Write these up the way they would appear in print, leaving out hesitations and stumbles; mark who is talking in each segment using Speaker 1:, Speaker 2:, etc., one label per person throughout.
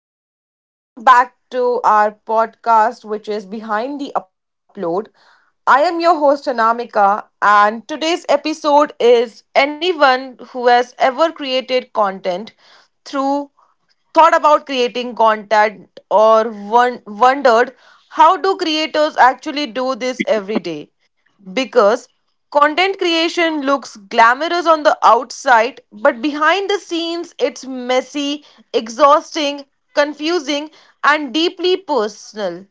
Speaker 1: Hello, everyone. Welcome back to our podcast, which is Behind the Upload. I am your host, Anamika, and today's episode is anyone who has ever created content through thought about creating content or wondered how do creators actually do this every day because content creation looks glamorous on the outside, but behind the scenes, it's messy, exhausting, confusing, and deeply personal.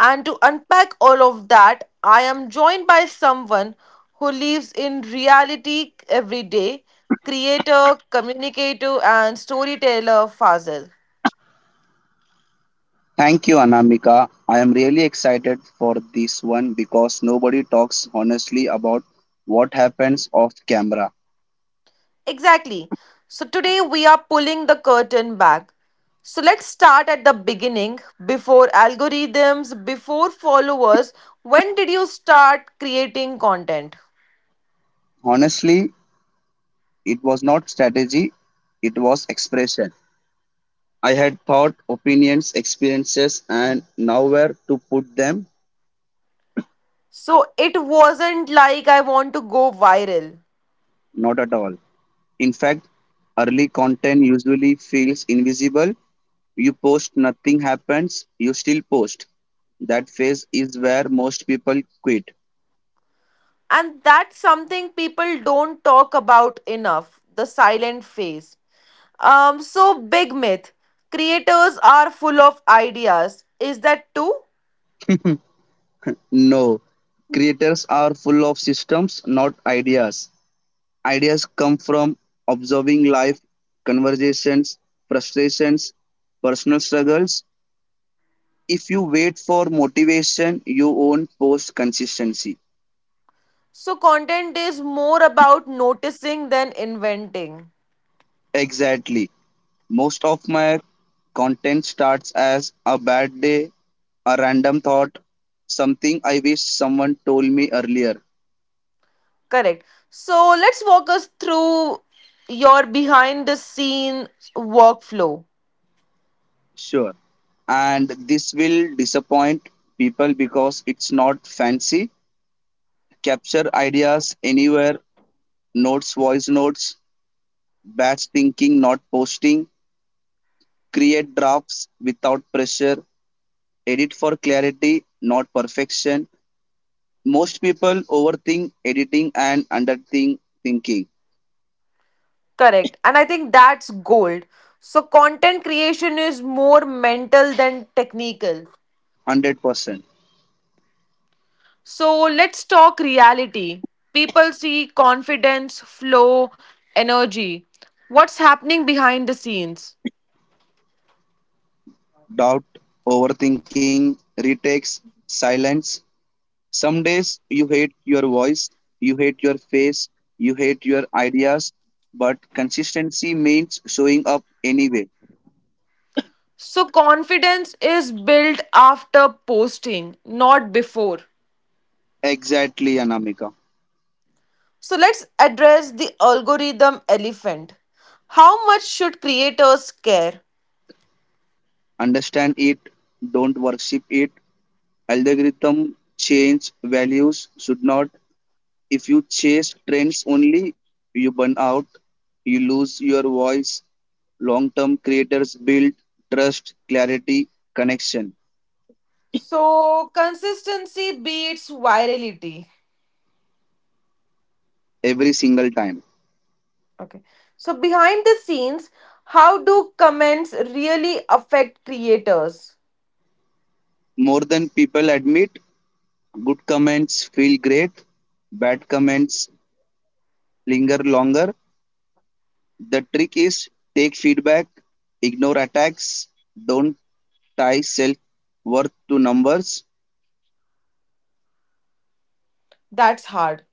Speaker 1: And to unpack all of that, I am joined by someone who lives in reality every day creator, communicator, and storyteller Fazil.
Speaker 2: Thank you, Anamika. I am really excited for this one because nobody talks honestly about what happens off camera.
Speaker 1: Exactly. So today we are pulling the curtain back. So let's start at the beginning. Before algorithms, before followers, when did you start creating content?
Speaker 2: Honestly, it was not strategy, it was expression. I had thought, opinions, experiences, and nowhere to put them,
Speaker 1: So it wasn't like I want to go viral.
Speaker 2: not at all. In fact, early content usually feels invisible. You post, nothing happens, you still post. That phase is where most people quit.
Speaker 1: And that's something people don't talk about enough the silent phase. Big myth creators are full of ideas. Is that true?
Speaker 2: No, creators are full of systems, not ideas. Ideas come from observing life, conversations, frustrations, personal struggles. If you wait for motivation, you won't post consistency.
Speaker 1: So content is more about noticing than inventing.
Speaker 2: Exactly. Most of my content starts as a bad day, a random thought, something I wish someone told me earlier.
Speaker 1: Correct. So let's walk us through your behind the scenes workflow.
Speaker 2: Sure, and this will disappoint people because it's not fancy. Capture ideas anywhere, notes, voice notes, batch thinking, not posting, create drafts without pressure, edit for clarity, not perfection. Most people overthink editing and underthink thinking.
Speaker 1: Correct. And I think that's gold. So content creation is more mental than technical.
Speaker 2: 100%.
Speaker 1: So let's talk reality. People see confidence, flow, energy. What's happening behind the scenes?
Speaker 2: Doubt, overthinking, retakes, silence. Some days you hate your voice, you hate your face, you hate your ideas, but consistency means showing up anyway.
Speaker 1: So, confidence is built after posting, not before.
Speaker 2: Exactly, Anamika.
Speaker 1: So, let's address the algorithm elephant. How much should creators care?
Speaker 2: Understand it, don't worship it. Algorithm change, values should not. If you chase trends only, you burn out, you lose your voice. Long term creators build trust, clarity, connection
Speaker 1: So, consistency beats virality.
Speaker 2: every single time.
Speaker 1: Okay. So, behind the scenes, how do comments really affect creators?
Speaker 2: More than people admit, good comments feel great, bad comments linger longer. The trick is take feedback, ignore attacks, don't tie self worth to numbers,
Speaker 1: That's hard.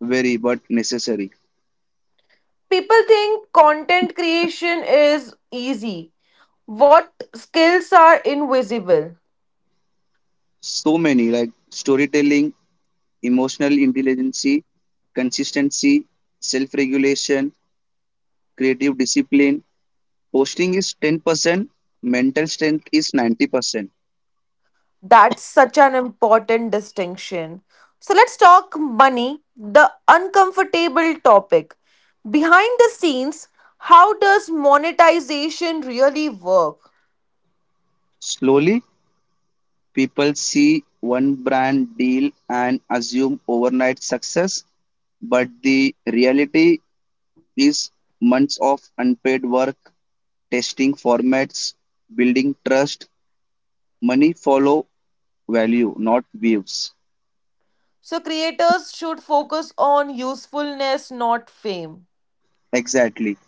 Speaker 2: very but necessary.
Speaker 1: People think content creation is easy. What skills are invisible?
Speaker 2: So many, like storytelling, emotional intelligence, consistency, self regulation, creative discipline. Posting is 10%, mental strength is 90%.
Speaker 1: That's such an important distinction. So let's talk money, the uncomfortable topic. Behind the scenes, how does monetization really work?
Speaker 2: Slowly, people see one brand deal and assume overnight success, but the reality is months of unpaid work, testing formats, building trust, money follow value, not views.
Speaker 1: So creators should focus on usefulness, not fame.
Speaker 2: Exactly.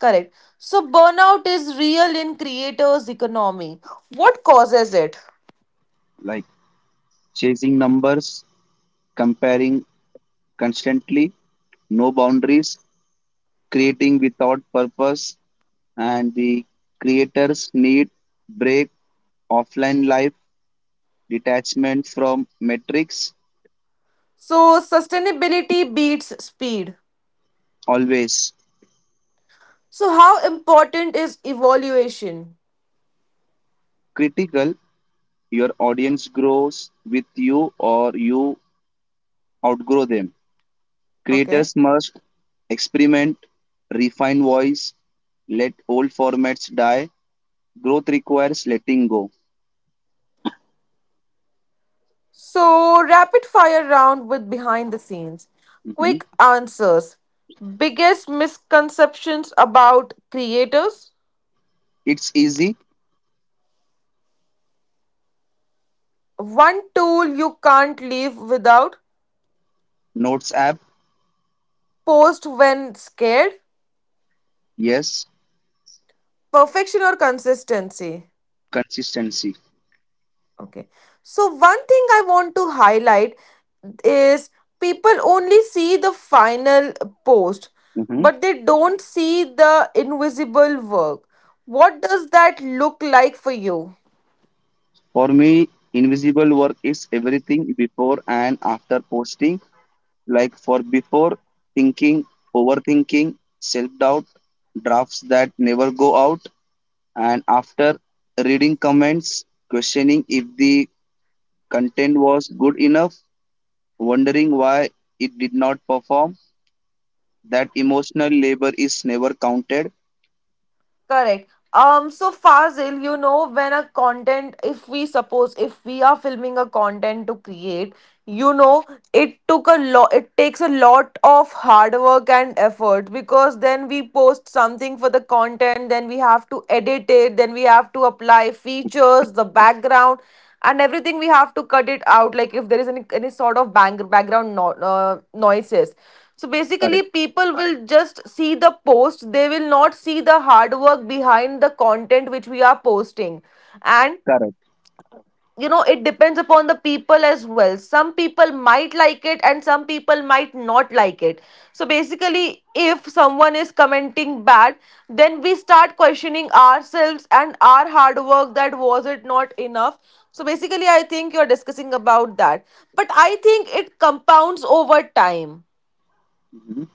Speaker 1: Correct. So burnout is real in creators' economy. What causes it?
Speaker 2: Like chasing numbers, comparing constantly, no boundaries, creating without purpose, and the creators need break, offline life, detachment from metrics,
Speaker 1: So sustainability beats speed.
Speaker 2: always
Speaker 1: So how important is evaluation?
Speaker 2: critical. Your audience grows with you or you outgrow them.
Speaker 1: Okay.
Speaker 2: Creators must experiment, refine voice, let old formats die. Growth requires letting go.
Speaker 1: So, rapid fire round with behind the scenes. Quick
Speaker 2: Mm-hmm.
Speaker 1: answers. Biggest misconceptions about creators.
Speaker 2: It's easy.
Speaker 1: One tool you can't live without.
Speaker 2: Notes app,
Speaker 1: Post when scared.
Speaker 2: yes.
Speaker 1: Perfection or consistency.
Speaker 2: Consistency.
Speaker 1: Okay. So, one thing I want to highlight is people only see the final post,
Speaker 2: Hmm.
Speaker 1: but they don't see the invisible work. What does that look like for you?
Speaker 2: For me, invisible work is everything before and after posting. Like for before, thinking, overthinking, self doubt, drafts that never go out, and after, reading comments, questioning if the content was good enough, wondering why it did not perform. That emotional labor is never counted.
Speaker 1: Correct. So Fazil, you know, when a content, if we suppose if we are filming a content to create, you know, it takes a lot of hard work and effort because then we post something for the content, then we have to edit it, then we have to apply features, the background and everything we have to cut it out like if there is any sort of bang, background no, noises. So basically
Speaker 2: Correct.
Speaker 1: people will just see the post. They will not see the hard work behind the content which we are posting. And
Speaker 2: Correct.
Speaker 1: you know, it depends upon the people as well. Some people might like it and some people might not like it. So basically if someone is commenting bad, then we start questioning ourselves and our hard work, that was it not enough. So basically I think you're discussing about that, but I think it compounds over time.
Speaker 2: Mhm.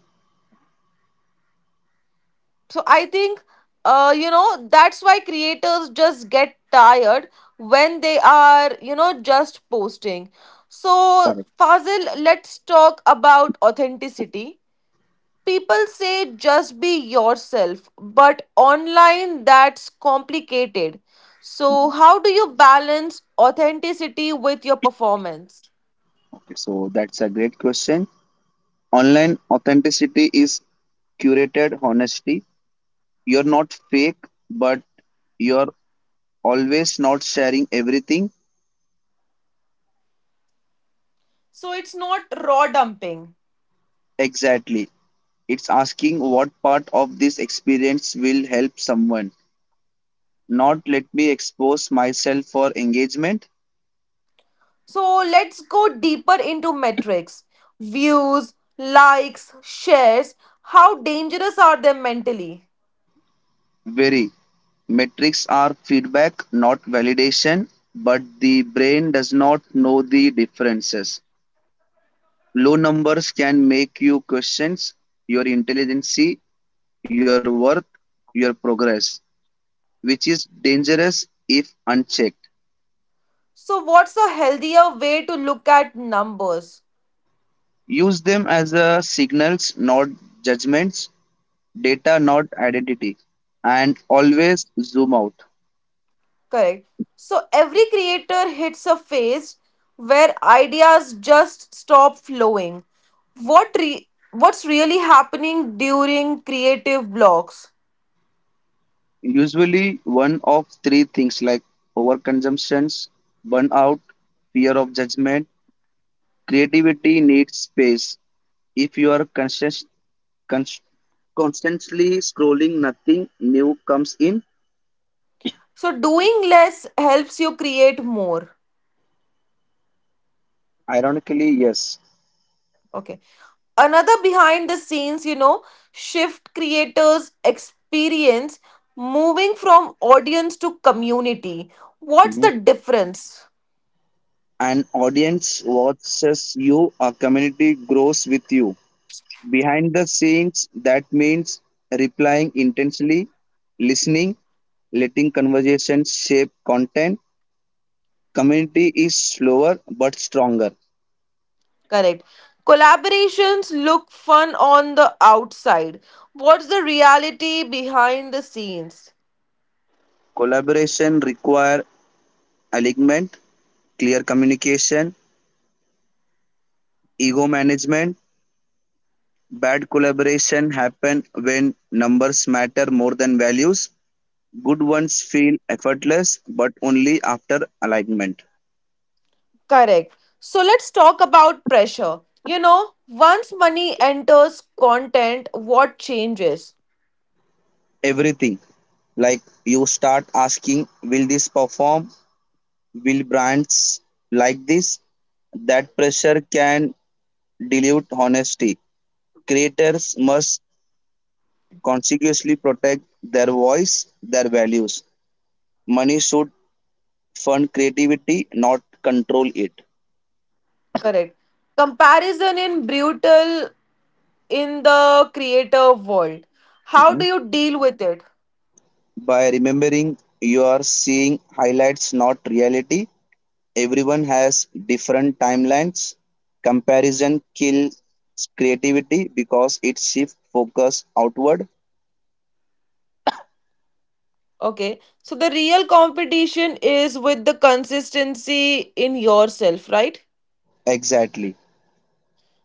Speaker 1: So I think, you know, that's why creators just get tired when they are, you know, just posting. So, Fazil, let's talk about authenticity. People say just be yourself, but online that's complicated. So,
Speaker 2: Correct.
Speaker 1: how do you balance authenticity with your performance?
Speaker 2: Okay, so that's a great question. Online authenticity is curated honesty. You're not fake, but you're always not sharing everything
Speaker 1: So, it's not raw dumping.
Speaker 2: exactly. It's asking what part of this experience will help someone. Not let me expose myself for engagement.
Speaker 1: So let's go deeper into metrics. Views, likes, shares. How dangerous are they mentally?
Speaker 2: Very. Metrics are feedback, not validation, but the brain does not know the differences. Low numbers can make you question your intelligence, your worth, your progress, which is dangerous if unchecked.
Speaker 1: So, what's a healthier way to look at numbers?
Speaker 2: Use them as a signals, not judgments, data, not identity, and always zoom out.
Speaker 1: Correct. So, every creator hits a phase where ideas just stop flowing. What's really happening during creative blocks?
Speaker 2: Usually, one of three things like overconsumptions, burnout, fear of judgment, creativity needs space. If you are conscious Const- constantly scrolling, nothing new comes in.
Speaker 1: So, doing less helps you create more.
Speaker 2: Ironically, yes.
Speaker 1: Okay. Another behind the scenes, you know, shift creators experience moving from audience to community. What's
Speaker 2: Mhm.
Speaker 1: the difference?
Speaker 2: An audience watches you, a community grows with you. Behind the scenes, that means replying intensely, listening, letting conversations shape content. Community is slower but stronger.
Speaker 1: Correct. Collaborations look fun on the outside. What's the reality behind the scenes?
Speaker 2: Collaboration require alignment, clear communication, ego management. Bad collaboration happen when numbers matter more than values. Good ones feel effortless, but only after alignment.
Speaker 1: Correct. So let's talk about pressure. You know, once money enters content, what changes?
Speaker 2: Everything, like you start asking, will this perform? Will brands like this? That pressure can dilute honesty. Creators must consciously protect their voice, their values. Money should fund creativity, not control it.
Speaker 1: Correct. Comparison in brutal in the creative world, how
Speaker 2: Mm-hmm.
Speaker 1: do you deal with it?
Speaker 2: By remembering, you are seeing highlights, not reality. Everyone has different timelines. Comparison kills creativity because it shifts focus outward.
Speaker 1: Okay, so the real competition is with the consistency in yourself, right?
Speaker 2: Exactly.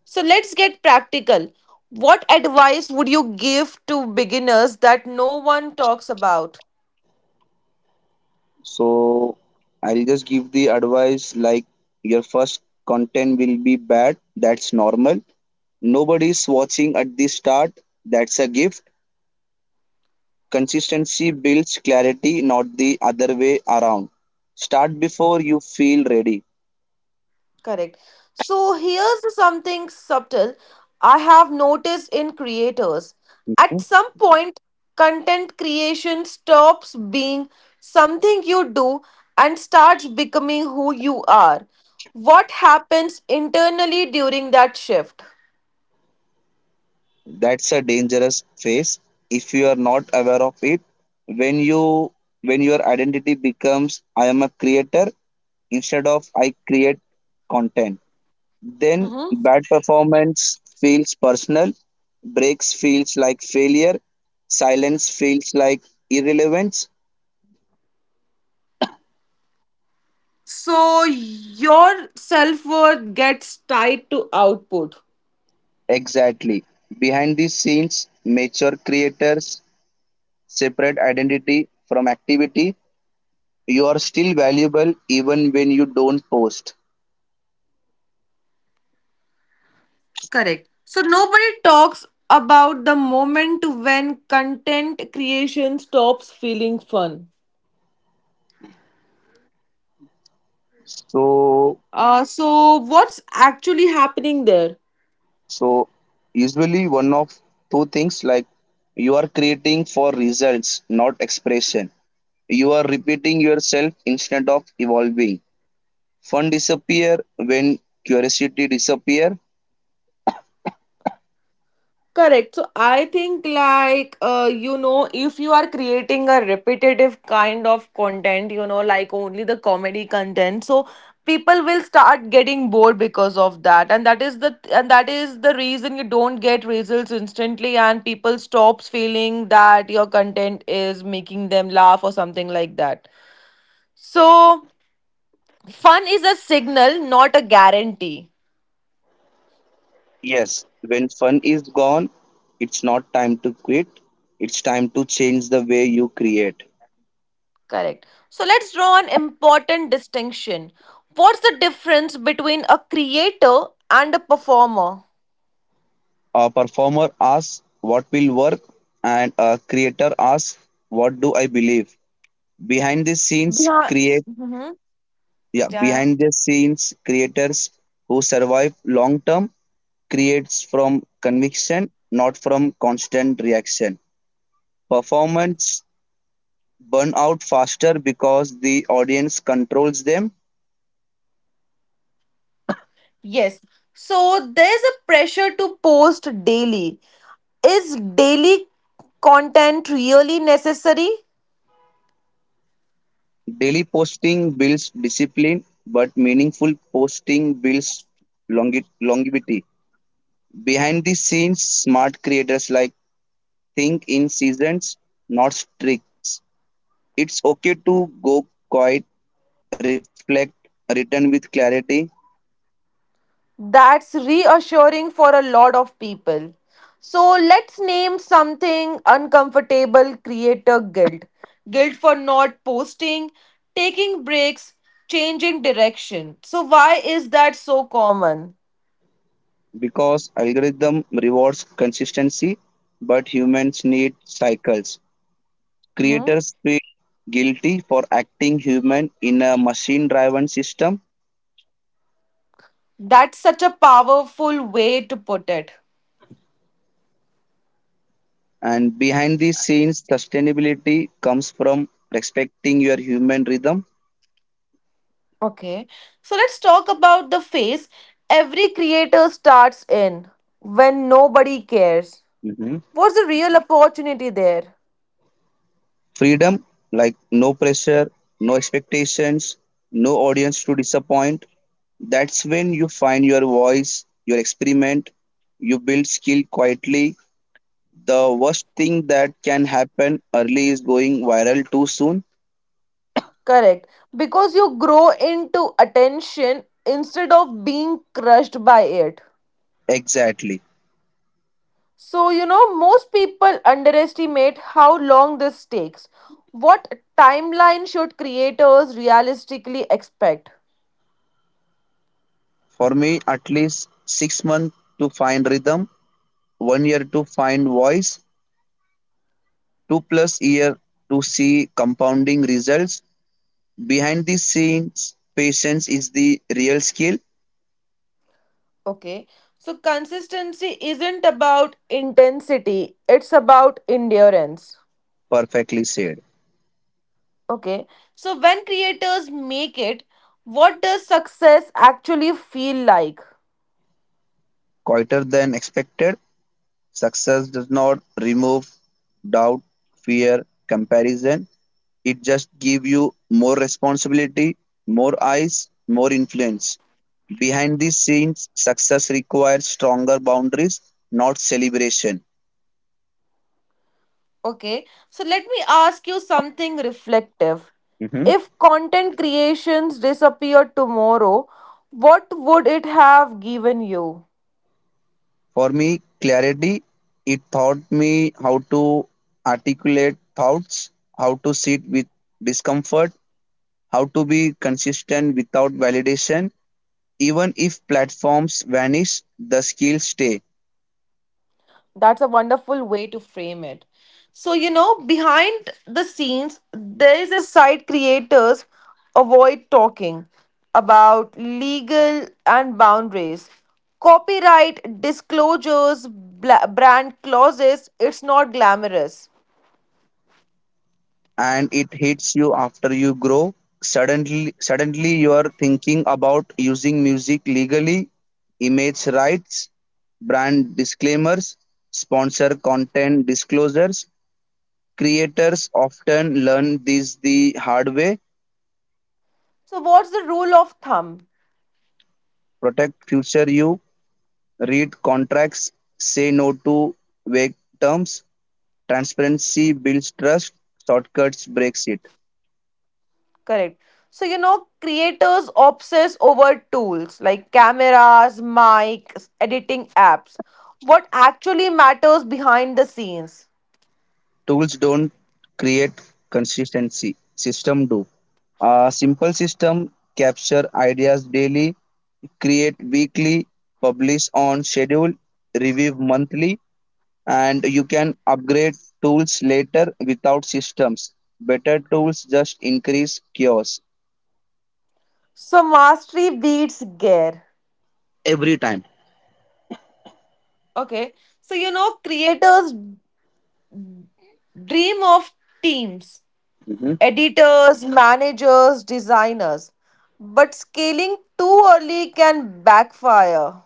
Speaker 1: So let's get practical. What advice would you give to beginners that no one talks about?
Speaker 2: So I'll just give the advice like your first content will be bad. That's normal. Nobody's watching at the start. That's a gift. Consistency builds clarity, not the other way around. Start before you feel ready.
Speaker 1: Correct. So here's something subtle I have noticed in creators.
Speaker 2: Hmm.
Speaker 1: At some point, content creation stops being something you do and starts becoming who you are. What happens internally during that shift?
Speaker 2: That's a dangerous phase if you are not aware of it. When you when your identity becomes I am a creator instead of I create content, then
Speaker 1: Mhm.
Speaker 2: bad performance feels personal, breaks feels like failure, silence feels like irrelevance.
Speaker 1: So your self worth gets tied to output.
Speaker 2: Exactly. Behind the scenes, mature creators separate identity from activity. You are still valuable even when you don't post.
Speaker 1: Correct. So nobody talks about the moment when content creation stops feeling fun.
Speaker 2: So,
Speaker 1: So what's actually happening there?
Speaker 2: so, usually one of two things like you are creating for results, not expression. You are repeating yourself instead of evolving. Fun disappear when curiosity disappear.
Speaker 1: Correct. So I think like you know, if you are creating a repetitive kind of content, you know, like only the comedy content, so people will start getting bored because of that and that is the reason you don't get results instantly and people stops feeling that your content is making them laugh or something like that. So fun is a signal, not a guarantee.
Speaker 2: Yes, when fun is gone, it's not time to quit. It's time to change the way you create.
Speaker 1: Correct. So let's draw an important distinction. What's the difference between a creator and a performer?
Speaker 2: A performer asks what will work, and a creator asks what do I believe. Behind the scenes,
Speaker 1: Yeah.
Speaker 2: create.
Speaker 1: Hmm.
Speaker 2: Yeah,
Speaker 1: Yeah, yeah.
Speaker 2: behind the scenes creators who survive long term creates from conviction, not from constant reaction. Performance burn out faster because the audience controls them.
Speaker 1: Yes. So there's a pressure to post daily. Is daily content really necessary?
Speaker 2: Daily posting builds discipline, but meaningful posting builds longevity. Behind the scenes smart creators, like, think in seasons, not streaks. It's okay to go quiet, reflect, return with clarity
Speaker 1: That's reassuring for a lot of people. So let's name something uncomfortable creator guilt. Guilt for not posting, taking breaks, changing direction. So, why is that so common?
Speaker 2: because algorithm rewards consistency, but humans need cycles.
Speaker 1: Mhm.
Speaker 2: Creators feel guilty for acting human in a machine driven system,
Speaker 1: That's such a powerful way to put it.
Speaker 2: and behind the scenes sustainability comes from respecting your human rhythm.
Speaker 1: Okay. So, let's talk about the phase every creator starts in when nobody cares.
Speaker 2: Mhm.
Speaker 1: What's the real opportunity there?
Speaker 2: Freedom, like no pressure, no expectations, no audience to disappoint. That's when you find your voice, your experiment, you build skill quietly. The worst thing that can happen early is going viral too soon.
Speaker 1: Correct. Because you grow into attention instead of being crushed by it.
Speaker 2: Exactly.
Speaker 1: So, you know, most people underestimate how long this takes. What timeline should creators realistically expect?
Speaker 2: For me, at least 6 months to find rhythm, 1 year to find voice, 2+ year to see compounding results. Behind the scenes, patience is the real skill.
Speaker 1: Okay. So, consistency isn't about intensity, it's about endurance.
Speaker 2: Perfectly said.
Speaker 1: Okay. So, when creators make it, what does success actually feel like?
Speaker 2: Quieter than expected. Success does not remove doubt, fear, comparison. It just gives you more responsibility, more eyes, more influence. Behind these scenes, success requires stronger boundaries, not celebration.
Speaker 1: Okay, so let me ask you something reflective.
Speaker 2: Hmm.
Speaker 1: If content creations disappeared tomorrow, what would it have given you?
Speaker 2: For me, clarity, it taught me how to articulate thoughts, how to sit with discomfort, how to be consistent without validation. Even if platforms vanish, the skills stay,
Speaker 1: That's a wonderful way to frame it. So, you know, behind the scenes, there is a side creators avoid talking about legal and boundaries, copyright disclosures, brand clauses. It's not glamorous.
Speaker 2: and it hits you after you grow. Suddenly, you are thinking about using music legally, image rights, brand disclaimers, sponsor content disclosures. Creators often learn this the hard way.
Speaker 1: So, what's the rule of thumb?
Speaker 2: Protect future you, read contracts, say no to vague terms. Transparency builds trust, shortcuts breaks it.
Speaker 1: Correct. So, you know, creators obsess over tools like cameras, mics, editing apps. What actually matters behind the scenes?
Speaker 2: Tools don't create consistency, system do. A simple system capture ideas daily, create weekly, publish on schedule, review monthly, and you can upgrade tools later without systems. Better tools just increase chaos
Speaker 1: So, mastery beats gear.
Speaker 2: every time.
Speaker 1: Okay. So, you know, creators dream of teams,
Speaker 2: Mhm.
Speaker 1: editors, managers, designers. But scaling too early can backfire.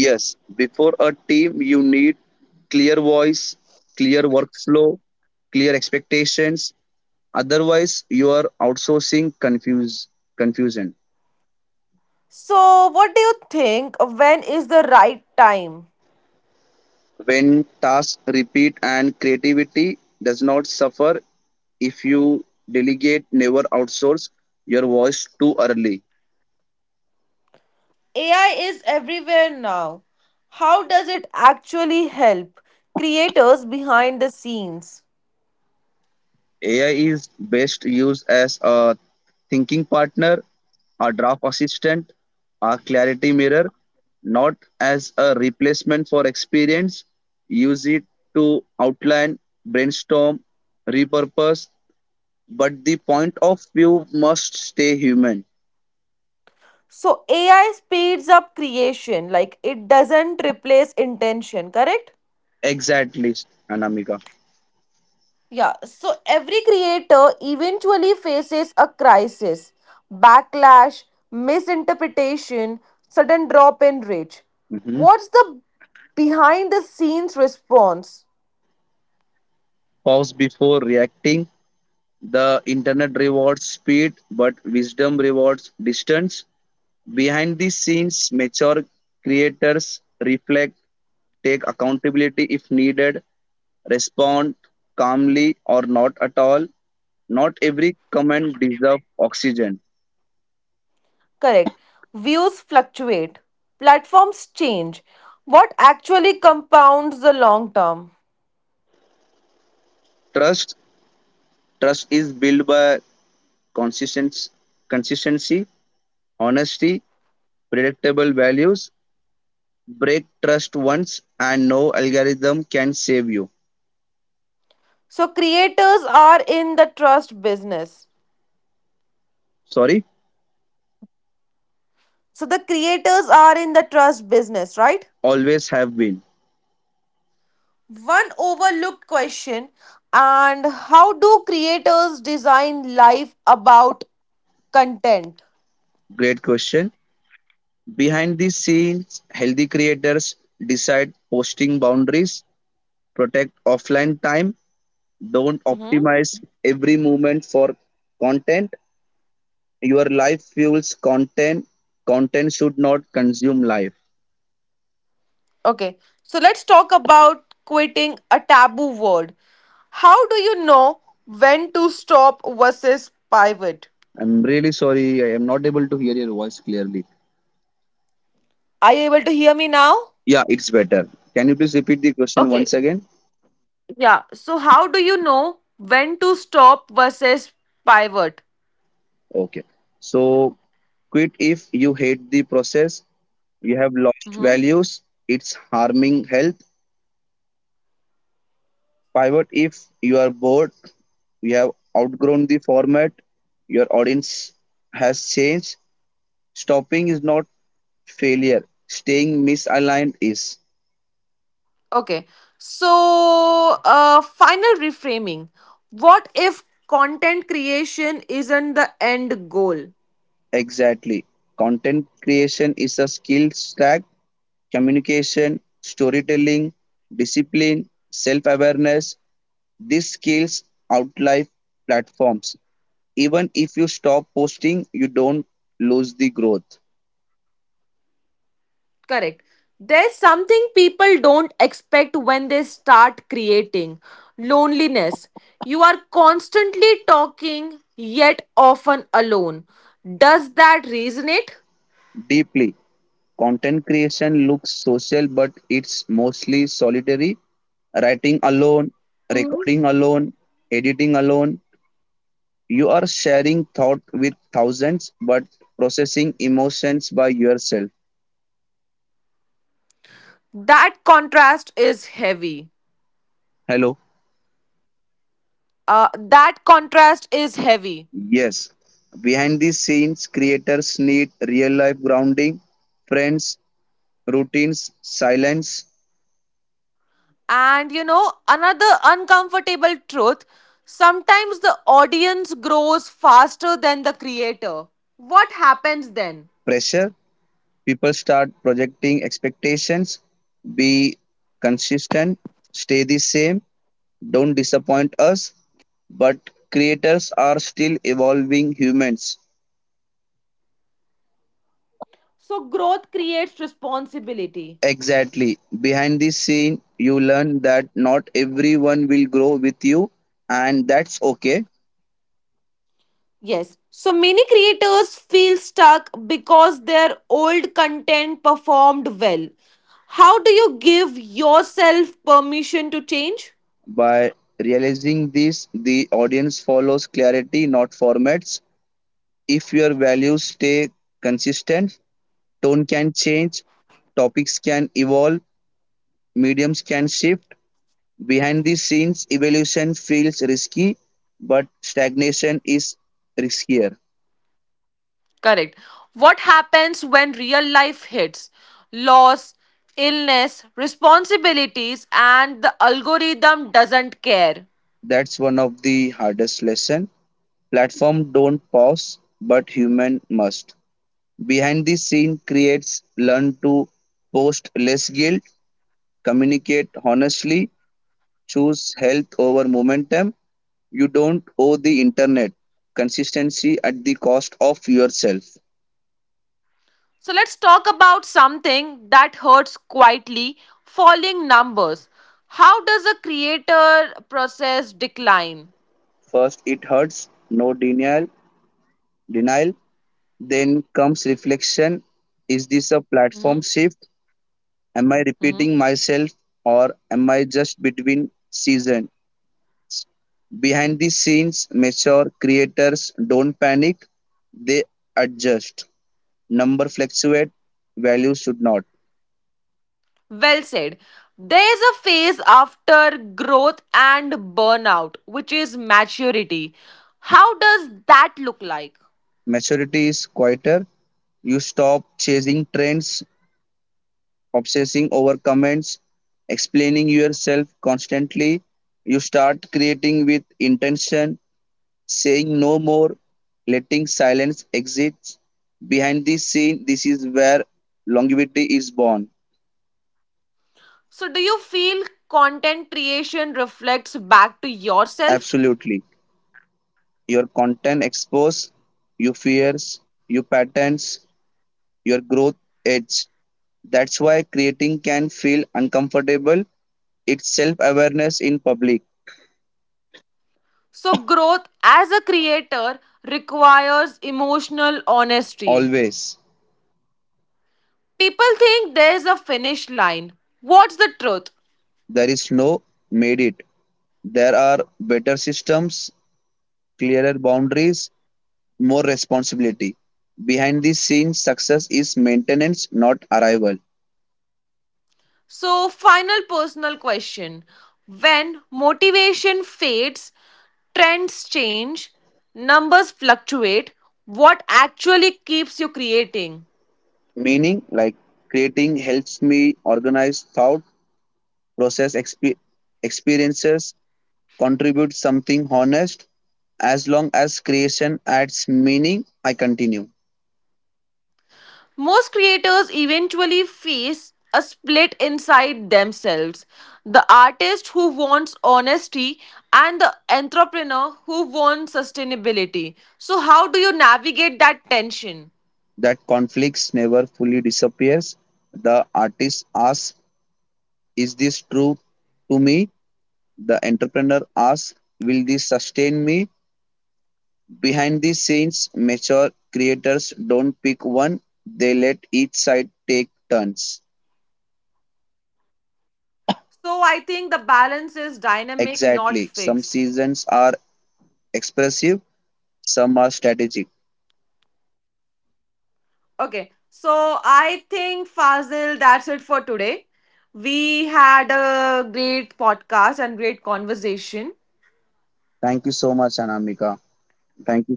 Speaker 2: Yes, before a team, you need clear voice, clear workflow, clear expectations. Otherwise, you are outsourcing confusion.
Speaker 1: So, what do you think? When is the right time?
Speaker 2: When tasks repeat and creativity does not suffer, if you delegate, never outsource your voice too early.
Speaker 1: AI is everywhere now. How does it actually help creators behind the scenes?
Speaker 2: AI is best used as a thinking partner, a draft assistant, a clarity mirror, not as a replacement for experience. Use it to outline, brainstorm, repurpose, but the point of view must stay human.
Speaker 1: So, AI speeds up creation, like it doesn't replace intention, correct?
Speaker 2: Exactly, Anamika.
Speaker 1: Yeah, so every creator eventually faces a crisis, backlash, misinterpretation, sudden drop in reach.
Speaker 2: Mhm.
Speaker 1: What's the behind the scenes response?
Speaker 2: Pause before reacting. The internet rewards speed, but wisdom rewards distance. Behind the scenes, mature creators reflect, take accountability if needed, respond calmly or not at all. Not every comment deserves oxygen.
Speaker 1: Correct. Views fluctuate, platforms change. What actually compounds the long term?
Speaker 2: Trust, trust is built by consistency, consistency, honesty, predictable values. Break trust once, and no algorithm can save you.
Speaker 1: So, creators are in the trust business.
Speaker 2: Sorry,
Speaker 1: So, the creators are in the trust business, right?
Speaker 2: always have been.
Speaker 1: One overlooked question, and how do creators design life about content?
Speaker 2: Great question. Behind the scenes, healthy creators decide posting boundaries, protect offline time, don't
Speaker 1: Hmm.
Speaker 2: optimize every moment for content. Your life fuels content. Content should not consume life.
Speaker 1: Okay, so let's talk about quitting a taboo word. How do you know when to stop versus pivot?
Speaker 2: I'm really sorry, I am not able to hear your voice clearly.
Speaker 1: Are you able to hear me now?
Speaker 2: Yeah, it's better. Can you please repeat the question
Speaker 1: Okay,
Speaker 2: once again?
Speaker 1: yeah. So, how do you know when to stop versus pivot?
Speaker 2: Okay. So quit if you hate the process, you have lost
Speaker 1: Hmm.
Speaker 2: values, it's harming health. Pivot if you are bored, you have outgrown the format, your audience has changed. Stopping is not failure, staying misaligned is.
Speaker 1: Okay, so final reframing. What if content creation isn't the end goal?
Speaker 2: Exactly. Content creation is a skill stack, communication, storytelling, discipline, self awareness. These skills outlive platforms. Even if you stop posting you don't lose the growth
Speaker 1: Correct. There's something people don't expect when they start creating loneliness. You are constantly talking, yet often alone. Does that resonate?
Speaker 2: deeply. Content creation looks social, but it's mostly solitary. Writing alone,
Speaker 1: Mm-hmm.
Speaker 2: recording alone, editing alone, you are sharing thought with thousands, but processing emotions by yourself.
Speaker 1: That contrast is heavy.
Speaker 2: Hello.
Speaker 1: Uh, that contrast is heavy.
Speaker 2: Yes, behind the scenes creators need real life grounding, friends, routines, silence.
Speaker 1: And you know, another uncomfortable truth, sometimes the audience grows faster than the creator. What happens then?
Speaker 2: Pressure, people start projecting expectations, be consistent, stay the same, don't disappoint us, but creators are still evolving humans.
Speaker 1: So growth creates responsibility.
Speaker 2: Exactly. Behind the scene you learn that not everyone will grow with you, and that's okay.
Speaker 1: Yes, so many creators feel stuck because their old content performed well. How do you give yourself permission to change?
Speaker 2: By realizing this, the audience follows clarity, not formats. If your values stay consistent, tone can change, topics can evolve, mediums can shift. Behind the scenes, evolution feels risky, but stagnation is riskier.
Speaker 1: Correct. What happens when real life hits? Loss, illness, responsibilities, and the algorithm doesn't care.
Speaker 2: That's one of the hardest lessons. Platform don't pause, but human must. Behind the scene creates learn to post less guilt, communicate honestly, choose health over momentum. You don't owe the internet consistency at the cost of yourself.
Speaker 1: So let's talk about something that hurts quietly falling numbers. How does a creator process decline?
Speaker 2: First, it hurts, no denial, denial. Then comes reflection, is this a platform
Speaker 1: Hmm.
Speaker 2: shift? Am I
Speaker 1: Hmm.
Speaker 2: repeating myself, or am I just between season? Behind the scenes, mature creators don't panic, they adjust. Number fluctuate, values should not.
Speaker 1: Well said. There is a phase after growth and burnout, which is maturity. How does that look like?
Speaker 2: Maturity is quieter, you stop chasing trends, obsessing over comments, explaining yourself constantly. You start creating with intention, saying no more, letting silence exist. Behind this scene, this is where longevity is born.
Speaker 1: So, do you feel content creation reflects back to yourself?
Speaker 2: Absolutely. Your content expose your fears, your patterns, your growth edge. That's why creating can feel uncomfortable. It's self awareness in public,
Speaker 1: So, growth as a creator requires emotional honesty.
Speaker 2: always.
Speaker 1: People think there's a finish line. What's the truth?
Speaker 2: There is no made it. There are better systems, clearer boundaries, more responsibility. Behind the scenes, success is maintenance, not arrival.
Speaker 1: So, final personal question. When motivation fades, trends change, numbers fluctuate, what actually keeps you creating?
Speaker 2: Meaning, like creating helps me organize thought, process experiences, contribute something honest. As long as creation adds meaning, I continue.
Speaker 1: Most creators eventually face a split inside themselves. The artist who wants honesty and the entrepreneur who wants sustainability. So, how do you navigate that tension?
Speaker 2: That conflicts never fully disappears. The artist asks, is this true to me? The entrepreneur asks, will this sustain me? Behind the scenes, mature creators don't pick one, they let each side take turns.
Speaker 1: So, I think the balance is dynamic, not fixed.
Speaker 2: Exactly. Some seasons are expressive, some are strategic.
Speaker 1: Okay, so I think Fazil, that's it for today. We had a great podcast and great conversation.
Speaker 2: Thank you so much, Anamika. Thank you.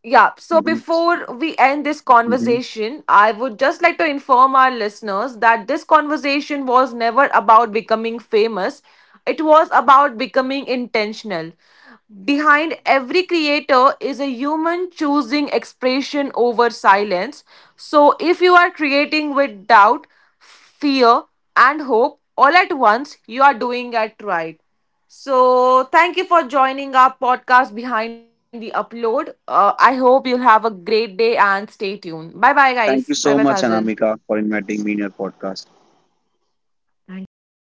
Speaker 1: Yeah, so
Speaker 2: Mhm,
Speaker 1: before we end this
Speaker 2: mhm.
Speaker 1: conversation, I would just like to inform our listeners that this conversation was never about becoming famous, it was about becoming intentional. Behind every creator is a human choosing expression over silence. So, if you are creating with doubt, fear, and hope all at once, you are doing it right. So, thank you for joining our podcast behind the upload. I hope you'll have a great day and stay tuned. Bye bye, guys.
Speaker 2: Thank
Speaker 1: Bye
Speaker 2: you
Speaker 1: bye,
Speaker 2: so much,
Speaker 1: Fazil.
Speaker 2: Anamika, for inviting me in your podcast.
Speaker 1: Thank
Speaker 2: Welcome.
Speaker 1: you.